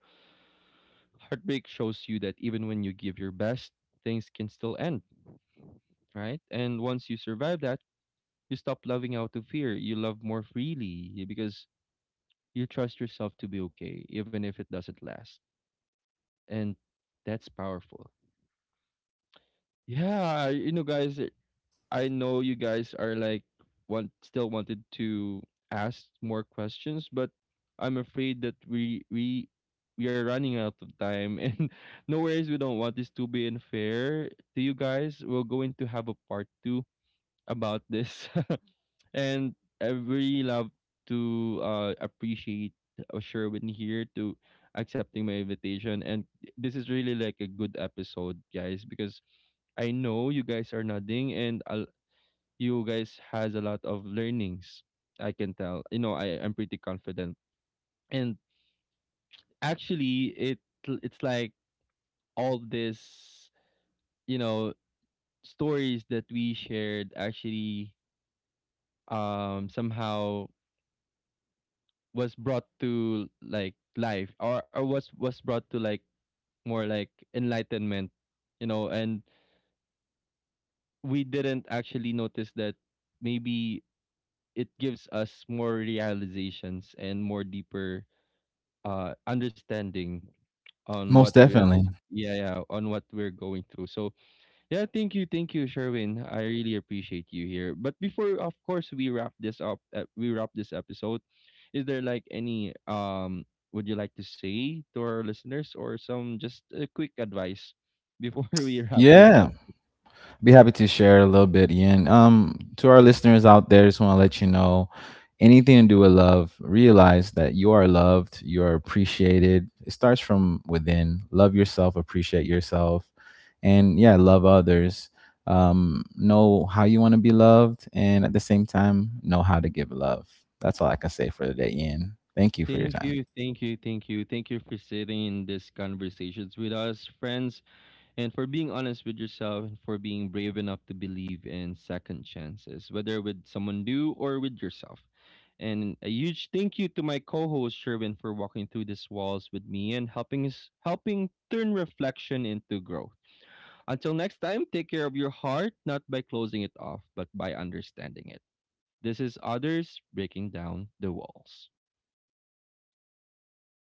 heartbreak shows you that even when you give your best, things can still end, right? And once you survive that, you stop loving out of fear. You love more freely because you trust yourself to be okay, even if it doesn't last. And that's powerful. Yeah, you know, guys, I know you guys are like want still wanted to ask more questions, but I'm afraid that we are running out of time and no worries, we don't want this to be unfair to you guys, we're going to have a part two about this. And I really love to appreciate Sherwin here to accepting my invitation. And this is really like a good episode, guys, because I know you guys are nodding and I you guys has a lot of learnings. I can tell. You know, I'm pretty confident. And actually, it's like all this, you know, stories that we shared actually somehow was brought to like life, or was brought to like more like enlightenment, you know, and we didn't actually notice that maybe it gives us more realizations and more deeper understanding on what most we're definitely. yeah, yeah, on what we're going through. So yeah, thank you, Sherwin. I really appreciate you here. But before, of course, we wrap this up. We wrap this episode. Is there like any? Would you like to say to our listeners or some just a quick advice before we wrap this up? Yeah. Be happy to share a little bit, Ian. To our listeners out there, just want to let you know, anything to do with love, realize that you are loved, you are appreciated. It starts from within. Love yourself, appreciate yourself, and yeah, love others. Know how you want to be loved, and at the same time, know how to give love. That's all I can say for today, Ian. Thank you for your Thank time. you, thank you, thank you, thank you for sitting in these conversations with us, friends. And for being honest with yourself and for being brave enough to believe in second chances, whether with someone new or with yourself. And a huge thank you to my co-host Sherwin for walking through these walls with me and helping turn reflection into growth. Until next time, take care of your heart, not by closing it off, but by understanding it. This is others breaking down the walls.